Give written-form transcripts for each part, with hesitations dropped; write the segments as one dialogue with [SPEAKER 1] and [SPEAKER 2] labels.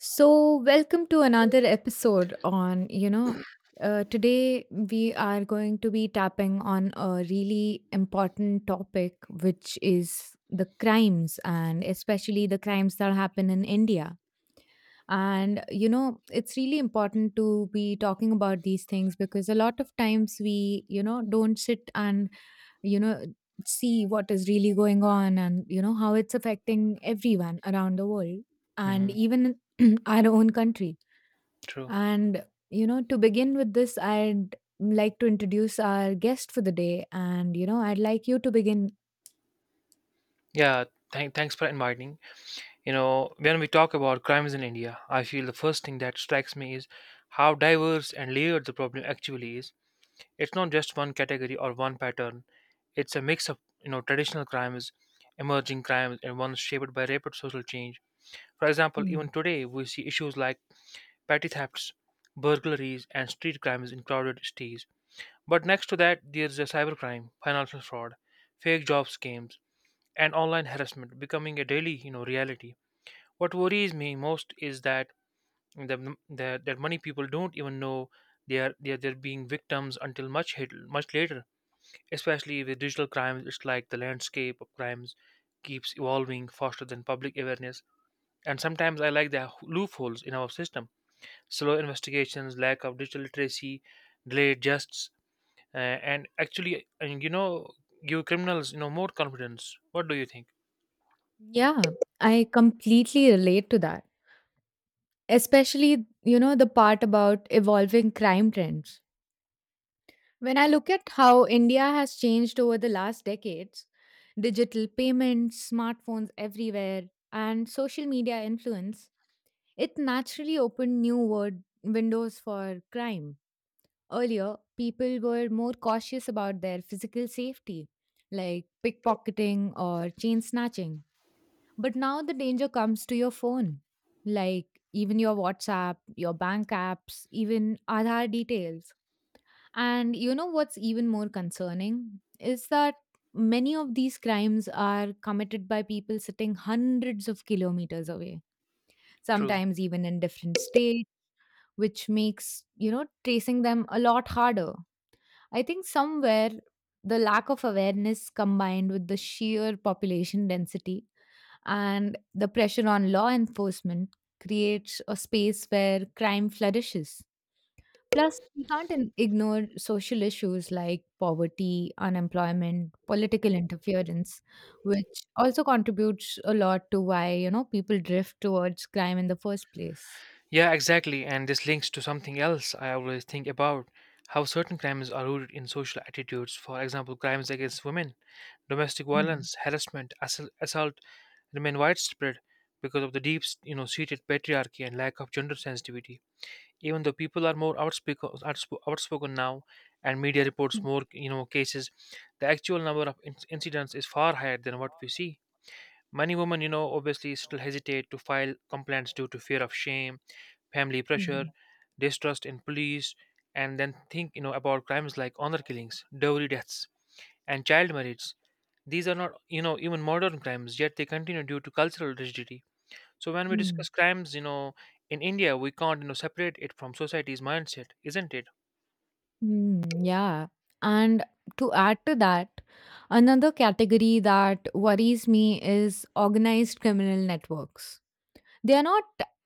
[SPEAKER 1] So, welcome to another episode on, today we are going to be tapping on a really important topic, which is the crimes and especially the crimes that happen in India. And, you know, it's really important to be talking about these things because a lot of times we don't sit and, you know, see what is really going on and, you know, how it's affecting everyone around the world and
[SPEAKER 2] hmm
[SPEAKER 1] even our own country.
[SPEAKER 2] True.
[SPEAKER 1] And, you know, to begin with this, I'd like to introduce our guest for the day. And, you know, I'd like you to begin.
[SPEAKER 2] Yeah. Thanks for inviting. You know, when we talk about crimes in India, I feel the first thing that strikes me is how diverse and layered the problem actually is. It's not just one category or one pattern. It's a mix of you know traditional crimes, emerging crimes, and ones shaped by rapid social change. For example, even
[SPEAKER 1] Mm.
[SPEAKER 2] today we see issues like petty thefts, burglaries, and street crimes in crowded cities. But next to that, there's a cybercrime, financial fraud, fake job scams and online harassment becoming a daily you know reality. What worries me most is that that many people don't even know they're being victims until much later, especially with digital crimes. It's like the landscape of crimes keeps evolving faster than public awareness, and sometimes I like the loopholes in our system, slow investigations, lack of digital literacy, delayed justs uh, and actually and you know give criminals you know more confidence. What do you think?
[SPEAKER 1] Yeah, I completely relate to that. Especially you know the part about evolving crime trends when I look at how India has changed over the last decades, digital payments, smartphones everywhere, and social media influence, it naturally opened new word windows for crime. Earlier people were more cautious about their physical safety, like pickpocketing or chain snatching, but now the danger comes to your phone. Like even your WhatsApp, your bank apps, even Aadhaar details. And you know what's even more concerning is that many of these crimes are committed by people sitting hundreds of kilometers away,
[SPEAKER 2] True
[SPEAKER 1] sometimes even in different states, which makes, you know, tracing them a lot harder. I think somewhere the lack of awareness combined with the sheer population density and the pressure on law enforcement creates a space where crime flourishes. Plus, we can't ignore social issues like poverty, unemployment, political interference, which also contributes a lot to why you know people drift towards crime in the first place.
[SPEAKER 2] Yeah, exactly. And this links to something else I always think about, how certain crimes are rooted in social attitudes. For example, crimes against women, domestic
[SPEAKER 1] Hmm.
[SPEAKER 2] violence, harassment, assault remain widespread because of the deep, you know, seated patriarchy and lack of gender sensitivity. Even though people are more outspoken now, and media reports more, you know, cases, the actual number of incidents is far higher than what we see. Many women, you know, obviously still hesitate to file complaints due to fear of shame, family
[SPEAKER 1] Hmm.
[SPEAKER 2] pressure, distrust in police, and then think you know about crimes like honor killings, dowry deaths, and child marriage. These are not you know even modern crimes, yet they continue due to cultural rigidity. So when we
[SPEAKER 1] Hmm.
[SPEAKER 2] discuss crimes, you know, in India, we can't you know separate it from society's mindset, isn't it?
[SPEAKER 1] Hmm, yeah. And to add to that, another category that worries me is organized criminal networks. They are not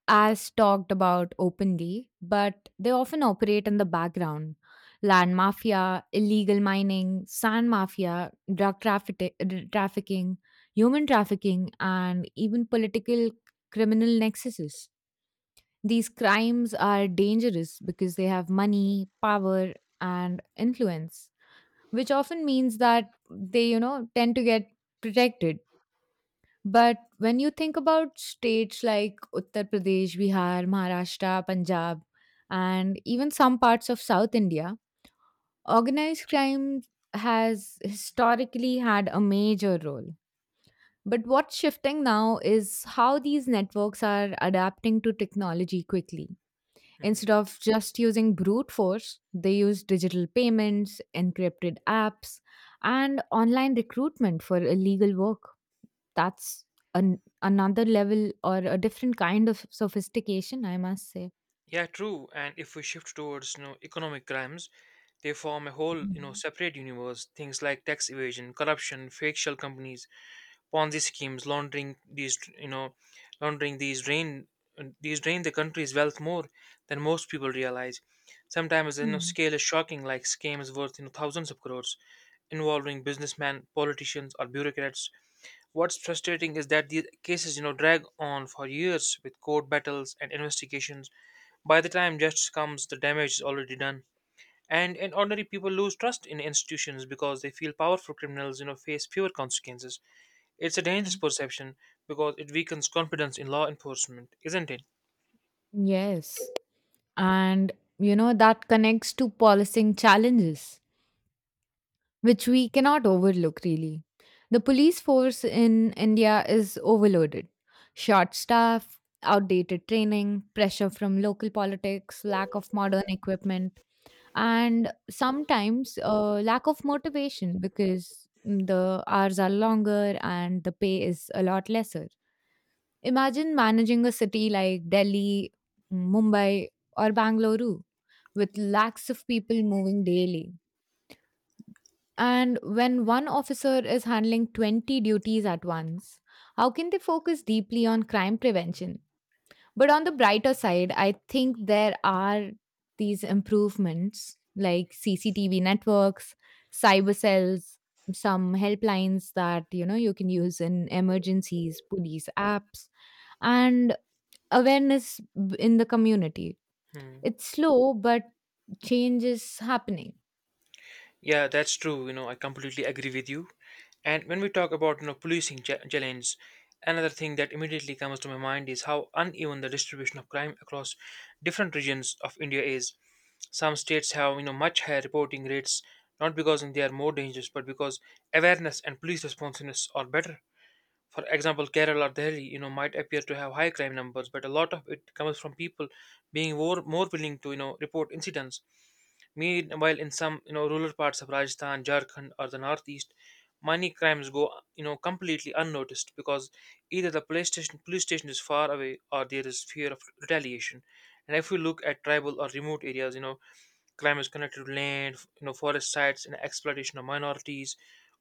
[SPEAKER 1] as talked about openly, but they often operate in the background. Land mafia, illegal mining, sand mafia, trafficking, human trafficking, and even political criminal nexuses. These crimes are dangerous because they have money, power, and influence, which often means that they, you know, tend to get protected. But when you think about states like Uttar Pradesh, Bihar, Maharashtra, Punjab, and even some parts of South India, organized crime has historically had a major role. But what's shifting now is how these networks are adapting to technology quickly. Instead
[SPEAKER 2] Mhm.
[SPEAKER 1] of just using brute force, they use digital payments, encrypted apps, and online recruitment for illegal work. That's another level or a different kind of sophistication, I must say.
[SPEAKER 2] Yeah, true. And if we shift towards you know economic crimes, they form a whole you know
[SPEAKER 1] Mhm.
[SPEAKER 2] separate universe. Things like tax evasion, corruption, fake shell companies, Ponzi schemes, laundering these drain the country's wealth more than most people realize. Sometimes you know
[SPEAKER 1] Hmm.
[SPEAKER 2] scale is shocking, like scams worth you know thousands of crores involving businessmen, politicians, or bureaucrats. What's frustrating is that these cases, you know, drag on for years with court battles and investigations. By the time justice comes, the damage is already done. And ordinary people lose trust in institutions because they feel powerful criminals, you know, face fewer consequences. It's a dangerous
[SPEAKER 1] Yeah.
[SPEAKER 2] perception because it weakens confidence in law enforcement, isn't it?
[SPEAKER 1] Yes. And, you know, that connects to policing challenges, which we cannot overlook really. The police force in India is overloaded. Short staff, outdated training, pressure from local politics, lack of modern equipment, and sometimes lack of motivation because the hours are longer and the pay is a lot lesser. Imagine managing a city like Delhi, Mumbai, or Bangalore with lakhs of people moving daily, and when one officer is handling 20 duties at once, how can they focus deeply on crime prevention? But on the brighter side, I think there are these improvements like CCTV networks, cyber cells, some helplines that you know you can use in emergencies, police apps, and awareness in the community.
[SPEAKER 2] Hmm.
[SPEAKER 1] It's slow, but change is happening.
[SPEAKER 2] Yeah, that's true. You know, I completely agree with you. And when we talk about you know policing challenge, another thing that immediately comes to my mind is how uneven the distribution of crime across different regions of India is. Some states have you know much higher reporting rates, not because they are more dangerous, but because awareness and police responsiveness are better. For example, Kerala or Delhi, you know, might appear to have high crime numbers, but a lot of it comes from people being more willing to, you know, report incidents. Meanwhile, in some, you know, rural parts of Rajasthan, Jharkhand, or the northeast, many crimes go, you know, completely unnoticed because either the police station is far away or there is fear of retaliation. And if we look at tribal or remote areas, you know, climate is connected to land, you know, forest sites, and exploitation of minorities,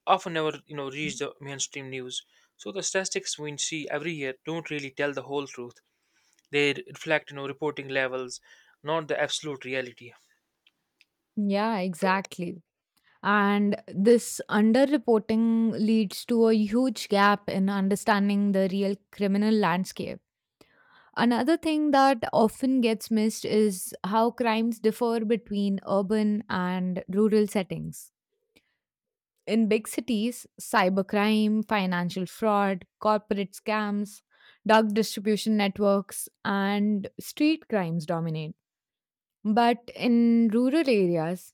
[SPEAKER 2] often never, you know, reach the mainstream news. So the statistics we see every year don't really tell the whole truth. They reflect, you know, reporting levels, not the absolute reality.
[SPEAKER 1] Yeah, exactly. And this underreporting leads to a huge gap in understanding the real criminal landscape. Another thing that often gets missed is how crimes differ between urban and rural settings. In big cities, cybercrime, financial fraud, corporate scams, drug distribution networks, and street crimes dominate. But in rural areas,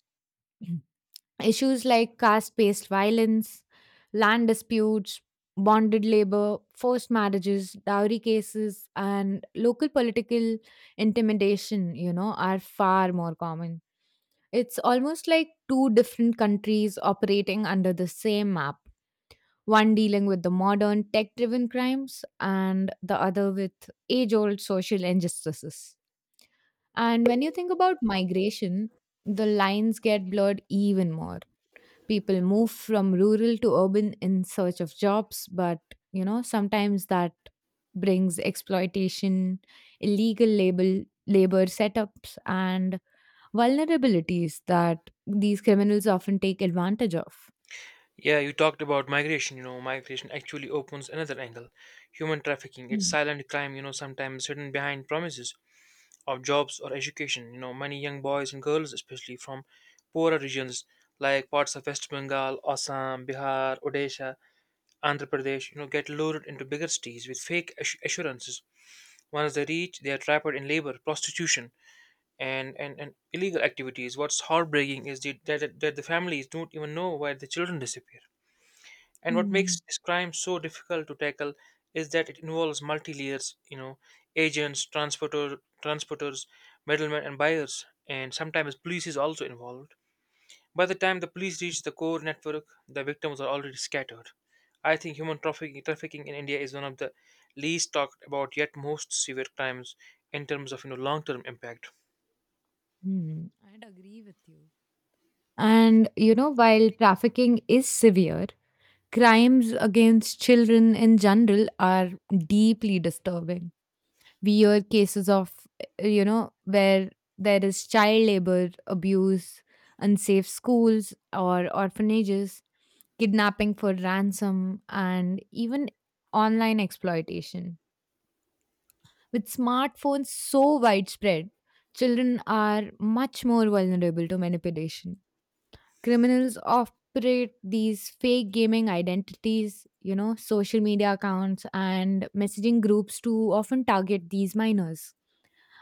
[SPEAKER 1] issues like caste based violence, land disputes, bonded labor, forced marriages, dowry cases, and local political intimidation, you know, are far more common. It's almost like two different countries operating under the same map, one dealing with the modern tech driven crimes and the other with age old social injustices. And when you think about migration, the lines get blurred even more. People move from rural to urban in search of jobs, but you know sometimes that brings exploitation, illegal label labor setups, and vulnerabilities that these criminals often take advantage of.
[SPEAKER 2] Yeah, you talked about migration. You know, migration actually opens another angle. Human trafficking, it's
[SPEAKER 1] Mm.
[SPEAKER 2] silent crime, you know, sometimes hidden behind promises of jobs or education. You know, many young boys and girls, especially from poorer regions like parts of West Bengal, Assam, Bihar, Odisha, Andhra Pradesh, you know, get lured into bigger cities with fake assurances. Once they reach, they are trapped in labor, prostitution, and illegal activities. What's heartbreaking is the, that, that that the families don't even know why the children disappear. And what makes
[SPEAKER 1] Hmm.
[SPEAKER 2] this crime so difficult to tackle is that it involves multi layers, you know, agents, transporter, transporters, middlemen, and buyers, and sometimes police is also involved. By the time the police reach the core network, the victims are already scattered. I think trafficking in India is one of the least talked about yet most severe crimes in terms of you know long term impact.
[SPEAKER 1] Hmm. I'd agree with you. And, you know, while trafficking is severe, crimes against children in general are deeply disturbing. Weird cases of, you know, where there is child labor, abuse, unsafe schools or orphanages, kidnapping for ransom, and even online exploitation. With smartphones so widespread, children are much more vulnerable to manipulation. Criminals operate these fake gaming identities, you know, social media accounts, and messaging groups to often target these minors.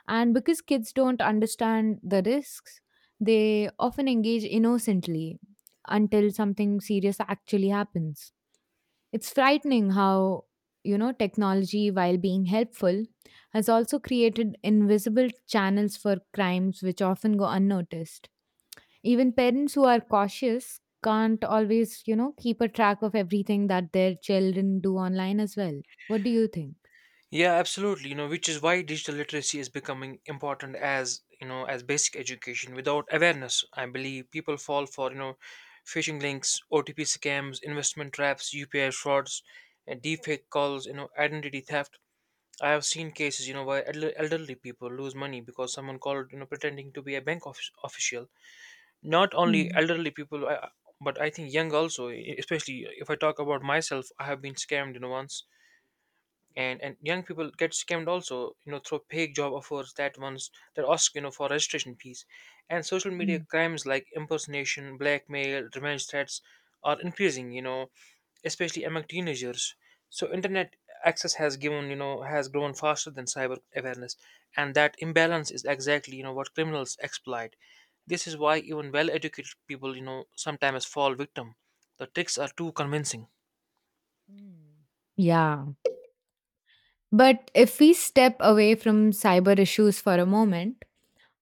[SPEAKER 1] And because kids don't understand the risks, they often engage innocently until something serious actually happens. It's frightening how, you know, technology, while being helpful, has also created invisible channels for crimes which often go unnoticed. Even parents who are cautious can't always, you know, keep a track of everything that their children do online as well. What do you think?
[SPEAKER 2] Yeah, absolutely. You know, which is why digital literacy is becoming important as you know as basic education. Without awareness, I believe people fall for you know phishing links, OTP scams, investment traps, UPI frauds, and deepfake calls. You know, identity theft. I have seen cases, you know, where elderly people lose money because someone called, you know, pretending to be a bank office official. Not only
[SPEAKER 1] Mm.
[SPEAKER 2] elderly people, but I think young also. Especially if I talk about myself, I have been scammed, you know, once, and young people get scammed also you know through fake job offers, that ones that ask you know for registration fees, and social media
[SPEAKER 1] Mm.
[SPEAKER 2] crimes like impersonation, blackmail, revenge threats are increasing you know, especially among teenagers. So internet access has given has grown faster than cyber awareness, and that imbalance is exactly you know what criminals exploit. This is why even well educated people you know sometimes fall victim, the tricks are too convincing.
[SPEAKER 1] Hmm. Yeah. But if we step away from cyber issues for a moment,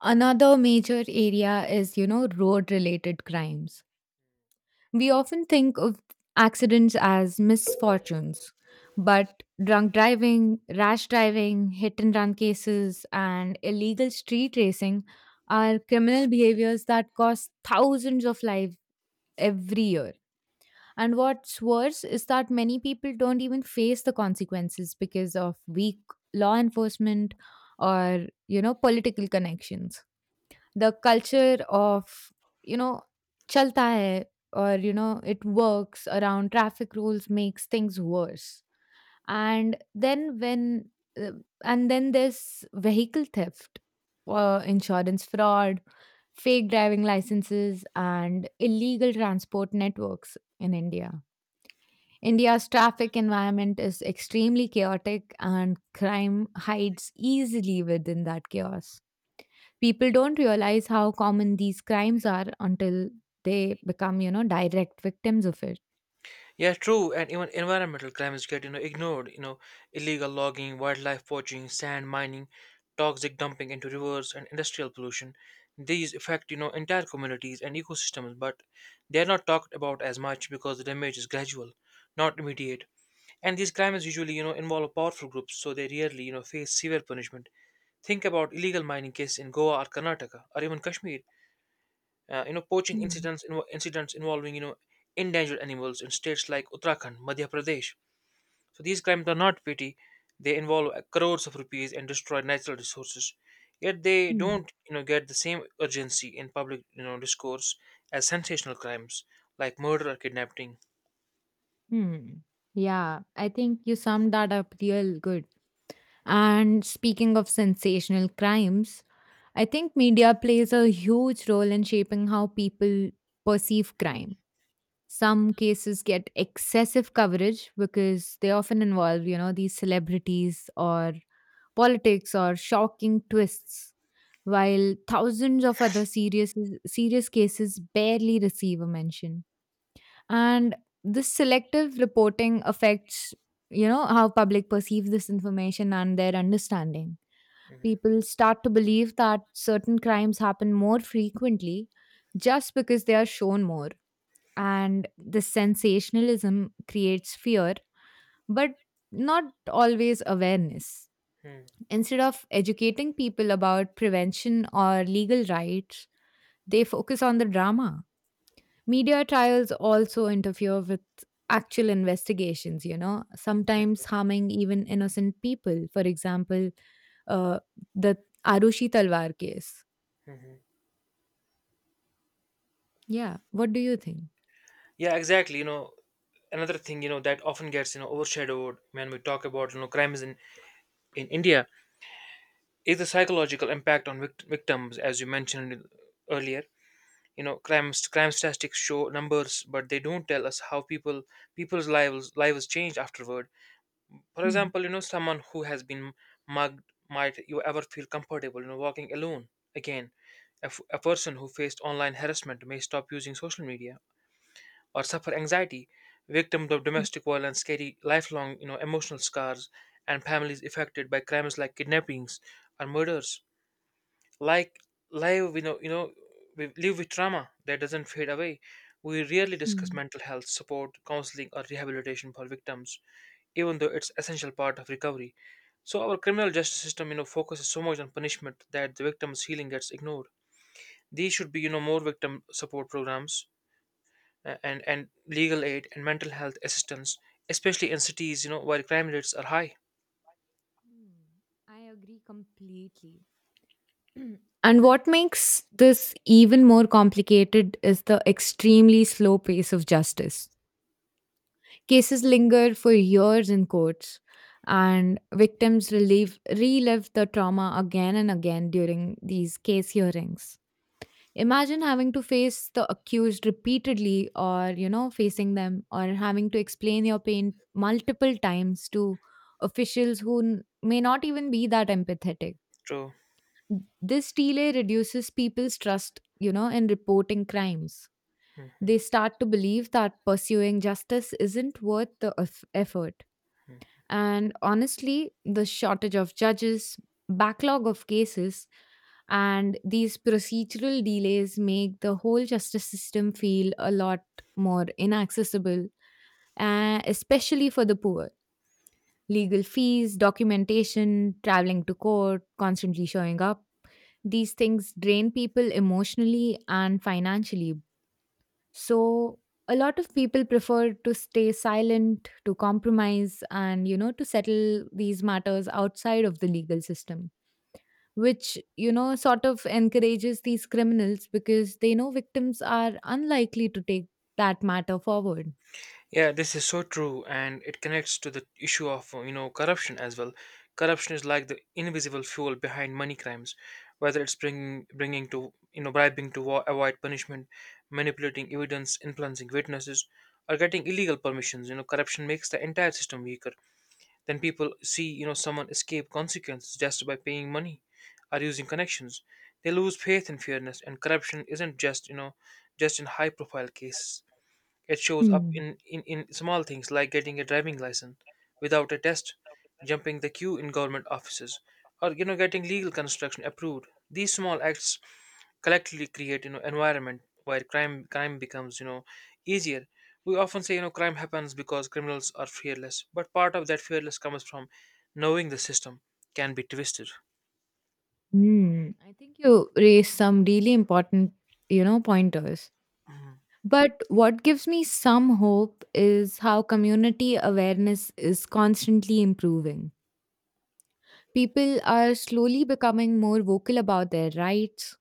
[SPEAKER 1] another major area is, you know, road related crimes. We often think of accidents as misfortunes, but drunk driving, rash driving, hit and run cases, and illegal street racing are criminal behaviors that cost thousands of lives every year. And what's worse is that many people don't even face the consequences because of weak law enforcement or, you know, political connections. The culture of, you know, chalta hai or, you know, it works around traffic rules makes things worse. And then when, uh, and then there's vehicle theft, insurance fraud, fake driving licenses, and illegal transport networks in India. India's traffic environment is extremely chaotic and crime hides easily within that chaos. People don't realize how common these crimes are until they become, you know, direct victims of it.
[SPEAKER 2] Yeah, true, and even environmental crimes get you know ignored. You know, illegal logging, wildlife poaching, sand mining, toxic dumping into rivers, and industrial pollution. These affect you know entire communities and ecosystems, but they are not talked about as much because the damage is gradual, not immediate. And these crimes usually you know involve powerful groups, so they rarely you know face severe punishment. Think about illegal mining cases in Goa or Karnataka or even Kashmir, you know poaching
[SPEAKER 1] Hmm.
[SPEAKER 2] incidents involving you know endangered animals in states like Uttarakhand, Madhya Pradesh. So these crimes are not petty; they involve crores of rupees and destroy natural resources. Yet they
[SPEAKER 1] Hmm.
[SPEAKER 2] don't you know get the same urgency in public you know discourse as sensational crimes like murder or kidnapping.
[SPEAKER 1] Hmm. Yeah, I think you summed that up real good. And speaking of sensational crimes, I think media plays a huge role in shaping how people perceive crime. Some cases get excessive coverage because they often involve, you know, these celebrities or politics or shocking twists, while thousands of other serious cases barely receive a mention. And this selective reporting affects, you know, how public perceives this information and their understanding. People start to believe that certain crimes happen more frequently just because they are shown more. And the sensationalism creates fear, but not always awareness.
[SPEAKER 2] Mhm.
[SPEAKER 1] Instead of educating people about prevention or legal rights, they focus on the drama. Media trials also interfere with actual investigations, you know, sometimes harming even innocent people. For example, uh, the Arushi Talwar case.
[SPEAKER 2] Mhm.
[SPEAKER 1] Yeah. What do you think?
[SPEAKER 2] Yeah, exactly. You know, another thing you know that often gets you know overshadowed when we talk about you know crimes in India is the psychological impact on victims, as you mentioned earlier. You know crime statistics show numbers but they don't tell us how people's lives change afterward. For
[SPEAKER 1] Hmm.
[SPEAKER 2] example you know someone who has been mugged might you ever feel comfortable you know walking alone again. A person who faced online harassment may stop using social media or suffer anxiety. Victims of
[SPEAKER 1] Hmm.
[SPEAKER 2] domestic violence carry lifelong you know emotional scars, and families affected by crimes like kidnappings or murders, like, live you know we live with trauma that doesn't fade away. We rarely discuss
[SPEAKER 1] Hmm.
[SPEAKER 2] mental health support, counseling, or rehabilitation for victims, even though it's essential part of recovery. So our criminal justice system you know focuses so much on punishment that the victim's healing gets ignored. These should be you know more victim support programs, and legal aid and mental health assistance, especially in cities you know where crime rates are high.
[SPEAKER 1] Hmm, I agree completely. And what makes this even more complicated is the extremely slow pace of justice. Cases linger for years in courts, and victims relive the trauma again and again during these case hearings. Imagine having to face the accused repeatedly or, you know, facing them or having to explain your pain multiple times to officials who may not even be that empathetic.
[SPEAKER 2] True.
[SPEAKER 1] This delay reduces people's trust, you know, in reporting crimes.
[SPEAKER 2] Hmm.
[SPEAKER 1] They start to believe that pursuing justice isn't worth the effort. And honestly, the shortage of judges, backlog of cases, and these procedural delays make the whole justice system feel a lot more inaccessible, especially for the poor. Legal fees, documentation, traveling to court, constantly showing up. These things drain people emotionally and financially, so a lot of people prefer to stay silent, to compromise, and you know, to settle these matters outside of the legal system, which you know sort of encourages these criminals because they know victims are unlikely to take that matter forward.
[SPEAKER 2] Yeah, this is so true, and it connects to the issue of you know corruption as well. Corruption is like the invisible fuel behind money crimes, whether it's bringing bringing to you know bribing to avoid punishment, manipulating evidence, influencing witnesses, or getting illegal permissions. You know, corruption makes the entire system weaker. Then people see you know someone escape consequences just by paying money or using connections. They lose faith in fairness, and corruption isn't just just in high profile cases. It shows up
[SPEAKER 1] Hmm.
[SPEAKER 2] in small things like getting a driving license without a test, jumping the queue in government offices, or you know getting legal construction approved. These small acts collectively create you know environment where crime becomes you know easier. We often say you know crime happens because criminals are fearless, but part of that fearless comes from knowing the system can be twisted.
[SPEAKER 1] Hmm. I think you raised some really important, you know, pointers. But what gives me some hope is how community awareness is constantly improving. People are slowly becoming more vocal about their rights,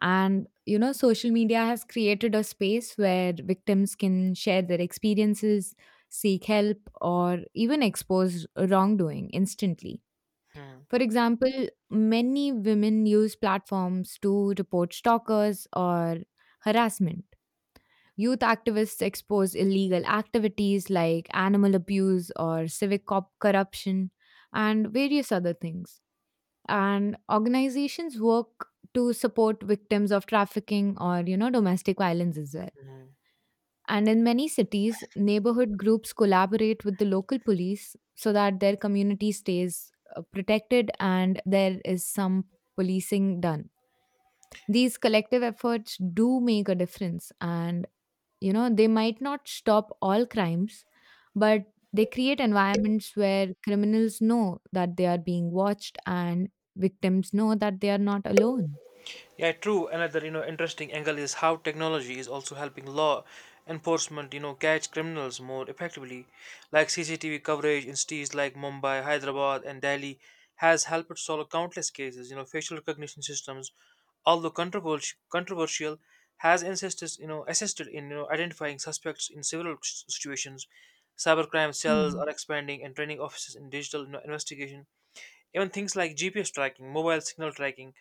[SPEAKER 1] and you know social media has created a space where victims can share their experiences, seek help, or even expose wrongdoing instantly.
[SPEAKER 2] Hmm.
[SPEAKER 1] For example, many women use platforms to report stalkers or harassment, youth activists expose illegal activities like animal abuse or corruption and various other things, and organizations work to support victims of trafficking or you know domestic violence as well.
[SPEAKER 2] Mhm.
[SPEAKER 1] And in many cities neighborhood groups collaborate with the local police so that their community stays protected and there is some policing done. These collective efforts do make a difference and you know, they might not stop all crimes, but they create environments where criminals know that they are being watched and victims know that they are not alone.
[SPEAKER 2] Yeah, true. Another, you know, interesting angle is how technology is also helping law enforcement, you know, catch criminals more effectively. Like CCTV coverage in cities like Mumbai, Hyderabad, and Delhi has helped solve countless cases. You know, facial recognition systems, although controversial has insisted, you know, assisted in you know identifying suspects in several situations. Cybercrime cells
[SPEAKER 1] Mm.
[SPEAKER 2] are expanding, and training offices in digital investigation, even things like GPS tracking, mobile signal tracking,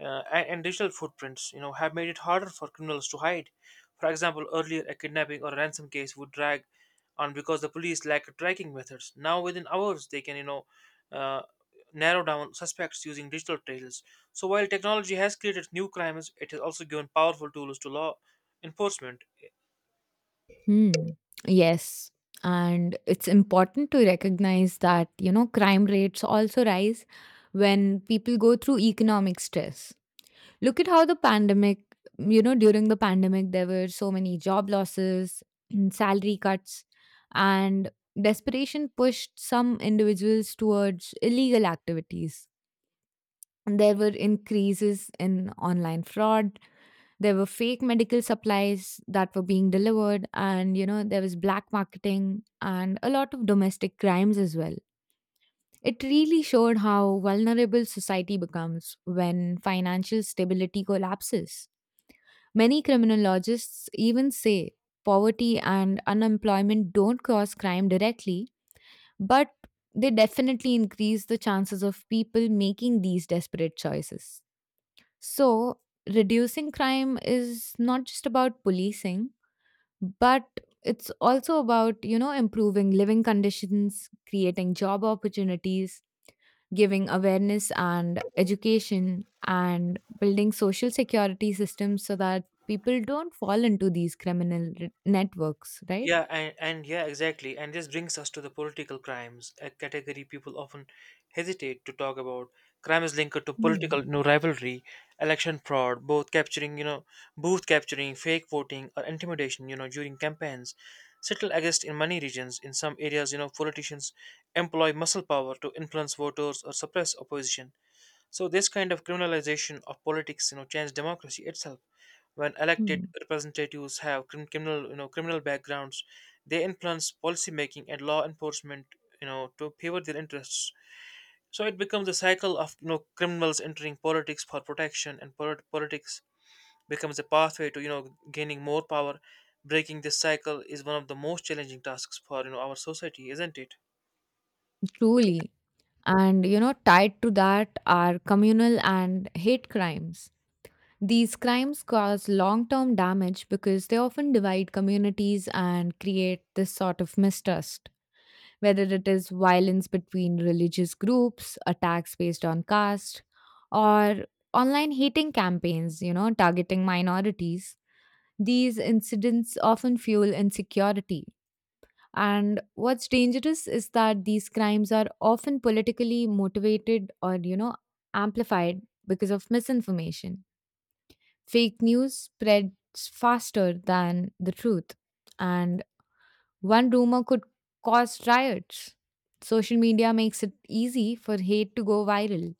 [SPEAKER 2] and digital footprints, have made it harder for criminals to hide. For example, earlier a kidnapping or a ransom case would drag on because the police lacked tracking methods. Now, within hours, they can, uh, narrow down suspects using digital trails. So, while technology has created new crimes, it has also given powerful tools to law enforcement.
[SPEAKER 1] Hmm. Yes. And it's important to recognize that, you know, crime rates also rise when people go through economic stress. Look at how you know, during the pandemic, there were so many job losses, salary cuts, and desperation pushed some individuals towards illegal activities. And There were increases in online fraud. There were fake medical supplies that were being delivered, and there was black marketing and a lot of domestic crimes as well. It really showed how vulnerable society becomes when financial stability collapses. Many criminologists even say poverty and unemployment don't cause crime directly, but they definitely increase the chances of people making these desperate choices. So, reducing crime is not just about policing, but it's also about, improving living conditions, creating job opportunities, giving awareness and education and building social security systems so that people don't fall into these networks, right?
[SPEAKER 2] Yeah, and yeah, exactly. And this brings us to the political crimes, a category people often hesitate to talk about. Crime is linked to
[SPEAKER 1] Mm,
[SPEAKER 2] political rivalry, election fraud, both capturing, you know, booth capturing, fake voting, or intimidation, during campaigns. Settle exist in many regions. In some areas, politicians employ muscle power to influence voters or suppress opposition. So this kind of criminalization of politics changed democracy itself. When elected
[SPEAKER 1] mm,
[SPEAKER 2] representatives have criminal you know criminal backgrounds, they influence policy making and law enforcement to favor their interests. So it becomes a cycle of criminals entering politics for protection, and politics becomes a pathway to gaining more power. Breaking this cycle is one of the most challenging tasks for our society, isn't it?
[SPEAKER 1] truly. And, tied to that are communal and hate crimes. These crimes cause long term damage because they often divide communities and create this sort of mistrust, whether it is violence between religious groups, attacks based on caste, or online hating campaigns, targeting minorities. These incidents often fuel insecurity. And what's dangerous is that these crimes are often politically motivated or, amplified because of misinformation. Fake news spreads faster than the truth. And one rumor could cause riots. Social media makes it easy for hate to go viral.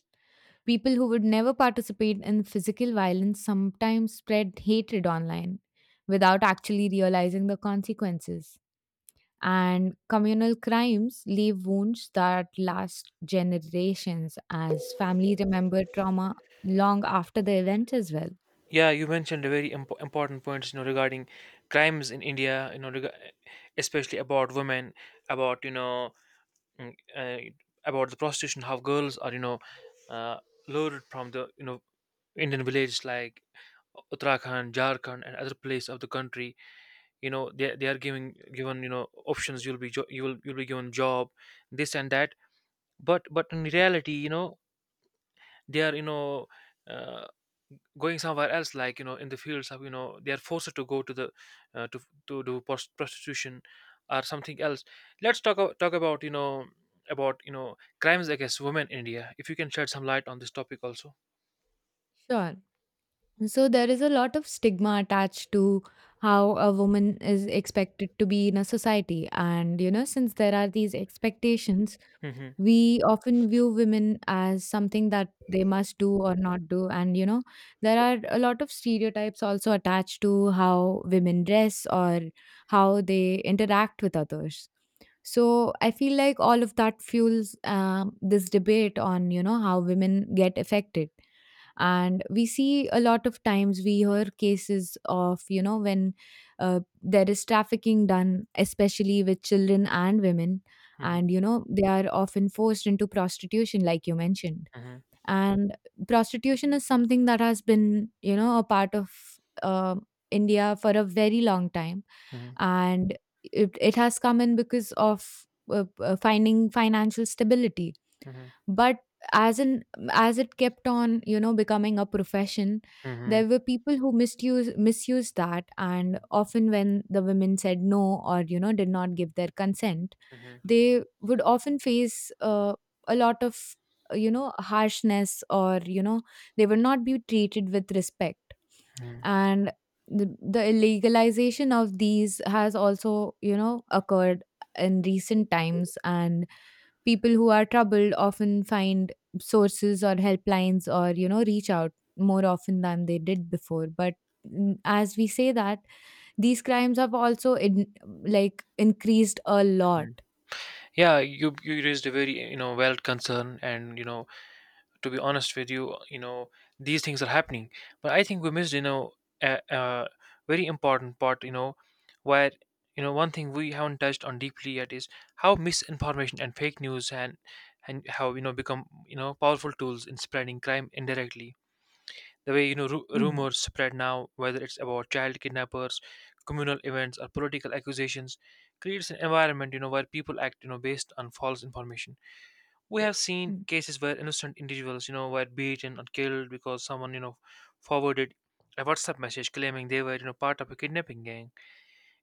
[SPEAKER 1] People who would never participate in physical violence sometimes spread hatred online without actually realizing the consequences. And communal crimes leave wounds that last generations as families remember trauma long after the event as well.
[SPEAKER 2] Yeah, you mentioned a very important points regarding crimes in India, especially about women, about you know mm, about the prostitution. How girls are uh, lured from the Indian villages like Uttarakhand, Jharkhand, and other place of the country. They are giving given options: you'll be jo- you will you'll be given job, this and that. But in reality, they are uh, going somewhere else, like in the fields of, they are forced to go to the, uh, to to do prostitution or something else. Let's talk about you know crimes against women in India, if you can shed some light on this topic also.
[SPEAKER 1] Sure. So there is a lot of stigma attached to how a woman is expected to be in a society. And, since there are these expectations,
[SPEAKER 2] Mm-hmm.
[SPEAKER 1] we often view women as something that they must do or not do. And, there are a lot of stereotypes also attached to how women dress or how they interact with others. So I feel like all of that fuels this debate on, how women get affected, and we see a lot of times we hear cases of when there is trafficking done, especially with children and women,
[SPEAKER 2] Hmm.
[SPEAKER 1] and they are often forced into prostitution, like you mentioned.
[SPEAKER 2] Hmm.
[SPEAKER 1] And prostitution is something that has been, a part of uh, India for a very long time.
[SPEAKER 2] Hmm.
[SPEAKER 1] And it has come in because of finding financial stability.
[SPEAKER 2] Hmm.
[SPEAKER 1] But as in, as it kept on, becoming a profession,
[SPEAKER 2] Hmm.
[SPEAKER 1] there were people who misused that, and often when the women said no, or did not give their consent,
[SPEAKER 2] Hmm.
[SPEAKER 1] they would often face a lot of harshness, or they would not be treated with respect.
[SPEAKER 2] Hmm.
[SPEAKER 1] And the illegalization of these has also occurred in recent times. And people who are troubled often find sources or helplines, or reach out more often than they did before. But as we say, that these crimes have also like, increased a lot.
[SPEAKER 2] Yeah, you raised a very valid concern. And to be honest with you, you know these things are happening. But I think we missed a very important part, where, one thing we haven't touched on deeply yet is how misinformation and fake news and how become powerful tools in spreading crime indirectly. The way
[SPEAKER 1] Hmm.
[SPEAKER 2] rumors spread now, whether it's about child kidnappers, communal events, or political accusations, creates an environment where people act based on false information. We have seen
[SPEAKER 1] Hmm.
[SPEAKER 2] cases where innocent individuals were beaten or killed because someone forwarded a WhatsApp message claiming they were part of a kidnapping gang.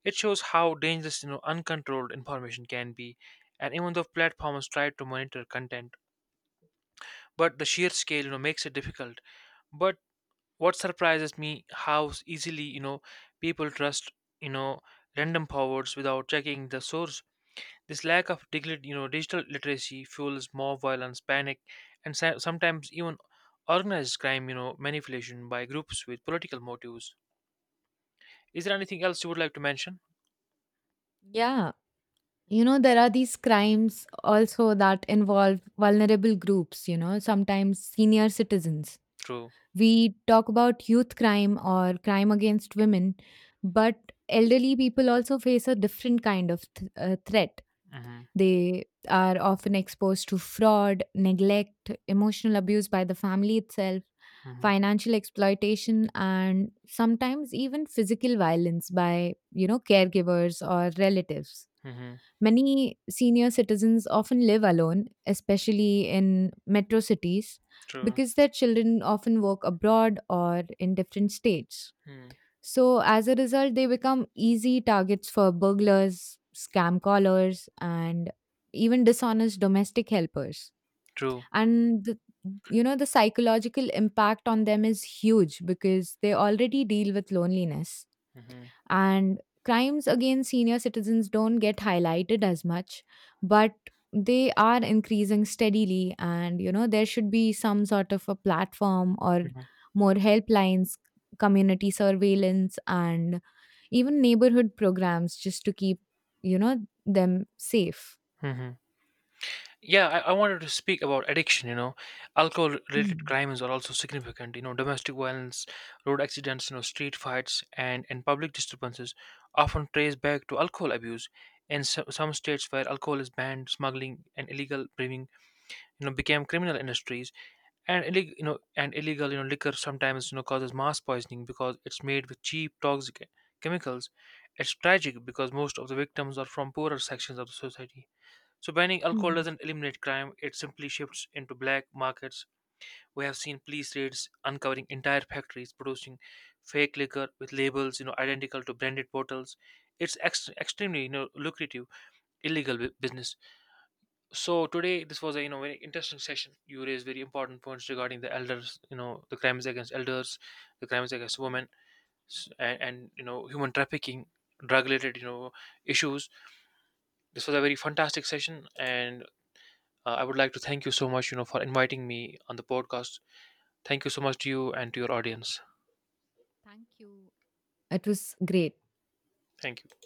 [SPEAKER 2] It shows how dangerous uncontrolled information can be. And even though platforms try to monitor content, but the sheer scale makes it difficult. But what surprises me how easily people trust, you know, random forwards without checking the source. This lack of digital literacy fuels mob violence, panic, and sometimes even organized crime manipulation by groups with political motives. Is there anything else you would like to mention?
[SPEAKER 1] Yeah. You know, there are these crimes also that involve vulnerable groups, you know, sometimes senior citizens.
[SPEAKER 2] True.
[SPEAKER 1] We talk about youth crime or crime against women, but elderly people also face a different kind of threat.
[SPEAKER 2] Mm-hmm.
[SPEAKER 1] They are often exposed to fraud, neglect, emotional abuse by the family itself,
[SPEAKER 2] Mm-hmm.
[SPEAKER 1] financial exploitation, and sometimes even physical violence by, you know, caregivers or relatives.
[SPEAKER 2] Mm-hmm.
[SPEAKER 1] Many senior citizens often live alone, especially in metro cities,
[SPEAKER 2] True.
[SPEAKER 1] because their children often work abroad or in different states.
[SPEAKER 2] Mm.
[SPEAKER 1] So, as a result, they become easy targets for burglars, scam callers, and even dishonest domestic helpers.
[SPEAKER 2] True.
[SPEAKER 1] And you know, the psychological impact on them is huge because they already deal with loneliness,
[SPEAKER 2] Mm-hmm.
[SPEAKER 1] and crimes against senior citizens don't get highlighted as much, but they are increasing steadily. And you know, there should be some sort of a platform, or
[SPEAKER 2] Mm-hmm.
[SPEAKER 1] more helplines, community surveillance, and even neighborhood programs, just to keep, you know, them safe.
[SPEAKER 2] Mm-hmm. Yeah, I wanted to speak about addiction. Alcohol related
[SPEAKER 1] Hmm.
[SPEAKER 2] crimes are also significant. Domestic violence, road accidents street fights, and public disturbances often trace back to alcohol abuse. In some states where alcohol is banned, smuggling and illegal brewing became criminal industries. And illegal, liquor sometimes causes mass poisoning because it's made with cheap toxic chemicals. It's tragic because most of the victims are from poorer sections of the society. So banning alcohol
[SPEAKER 1] Hmm.
[SPEAKER 2] doesn't eliminate crime, it simply shifts into black markets. We have seen police raids uncovering entire factories producing fake liquor with labels identical to branded bottles. It's extremely lucrative illegal business. So today, this was a very interesting session. You raised very important points regarding the elders the crimes against elders, the crimes against women, and human trafficking, drug-related issues. This was a very fantastic session, and I would like to thank you so much for inviting me on the podcast. Thank you so much to you and to your audience.
[SPEAKER 1] Thank you. It was great.
[SPEAKER 2] Thank you.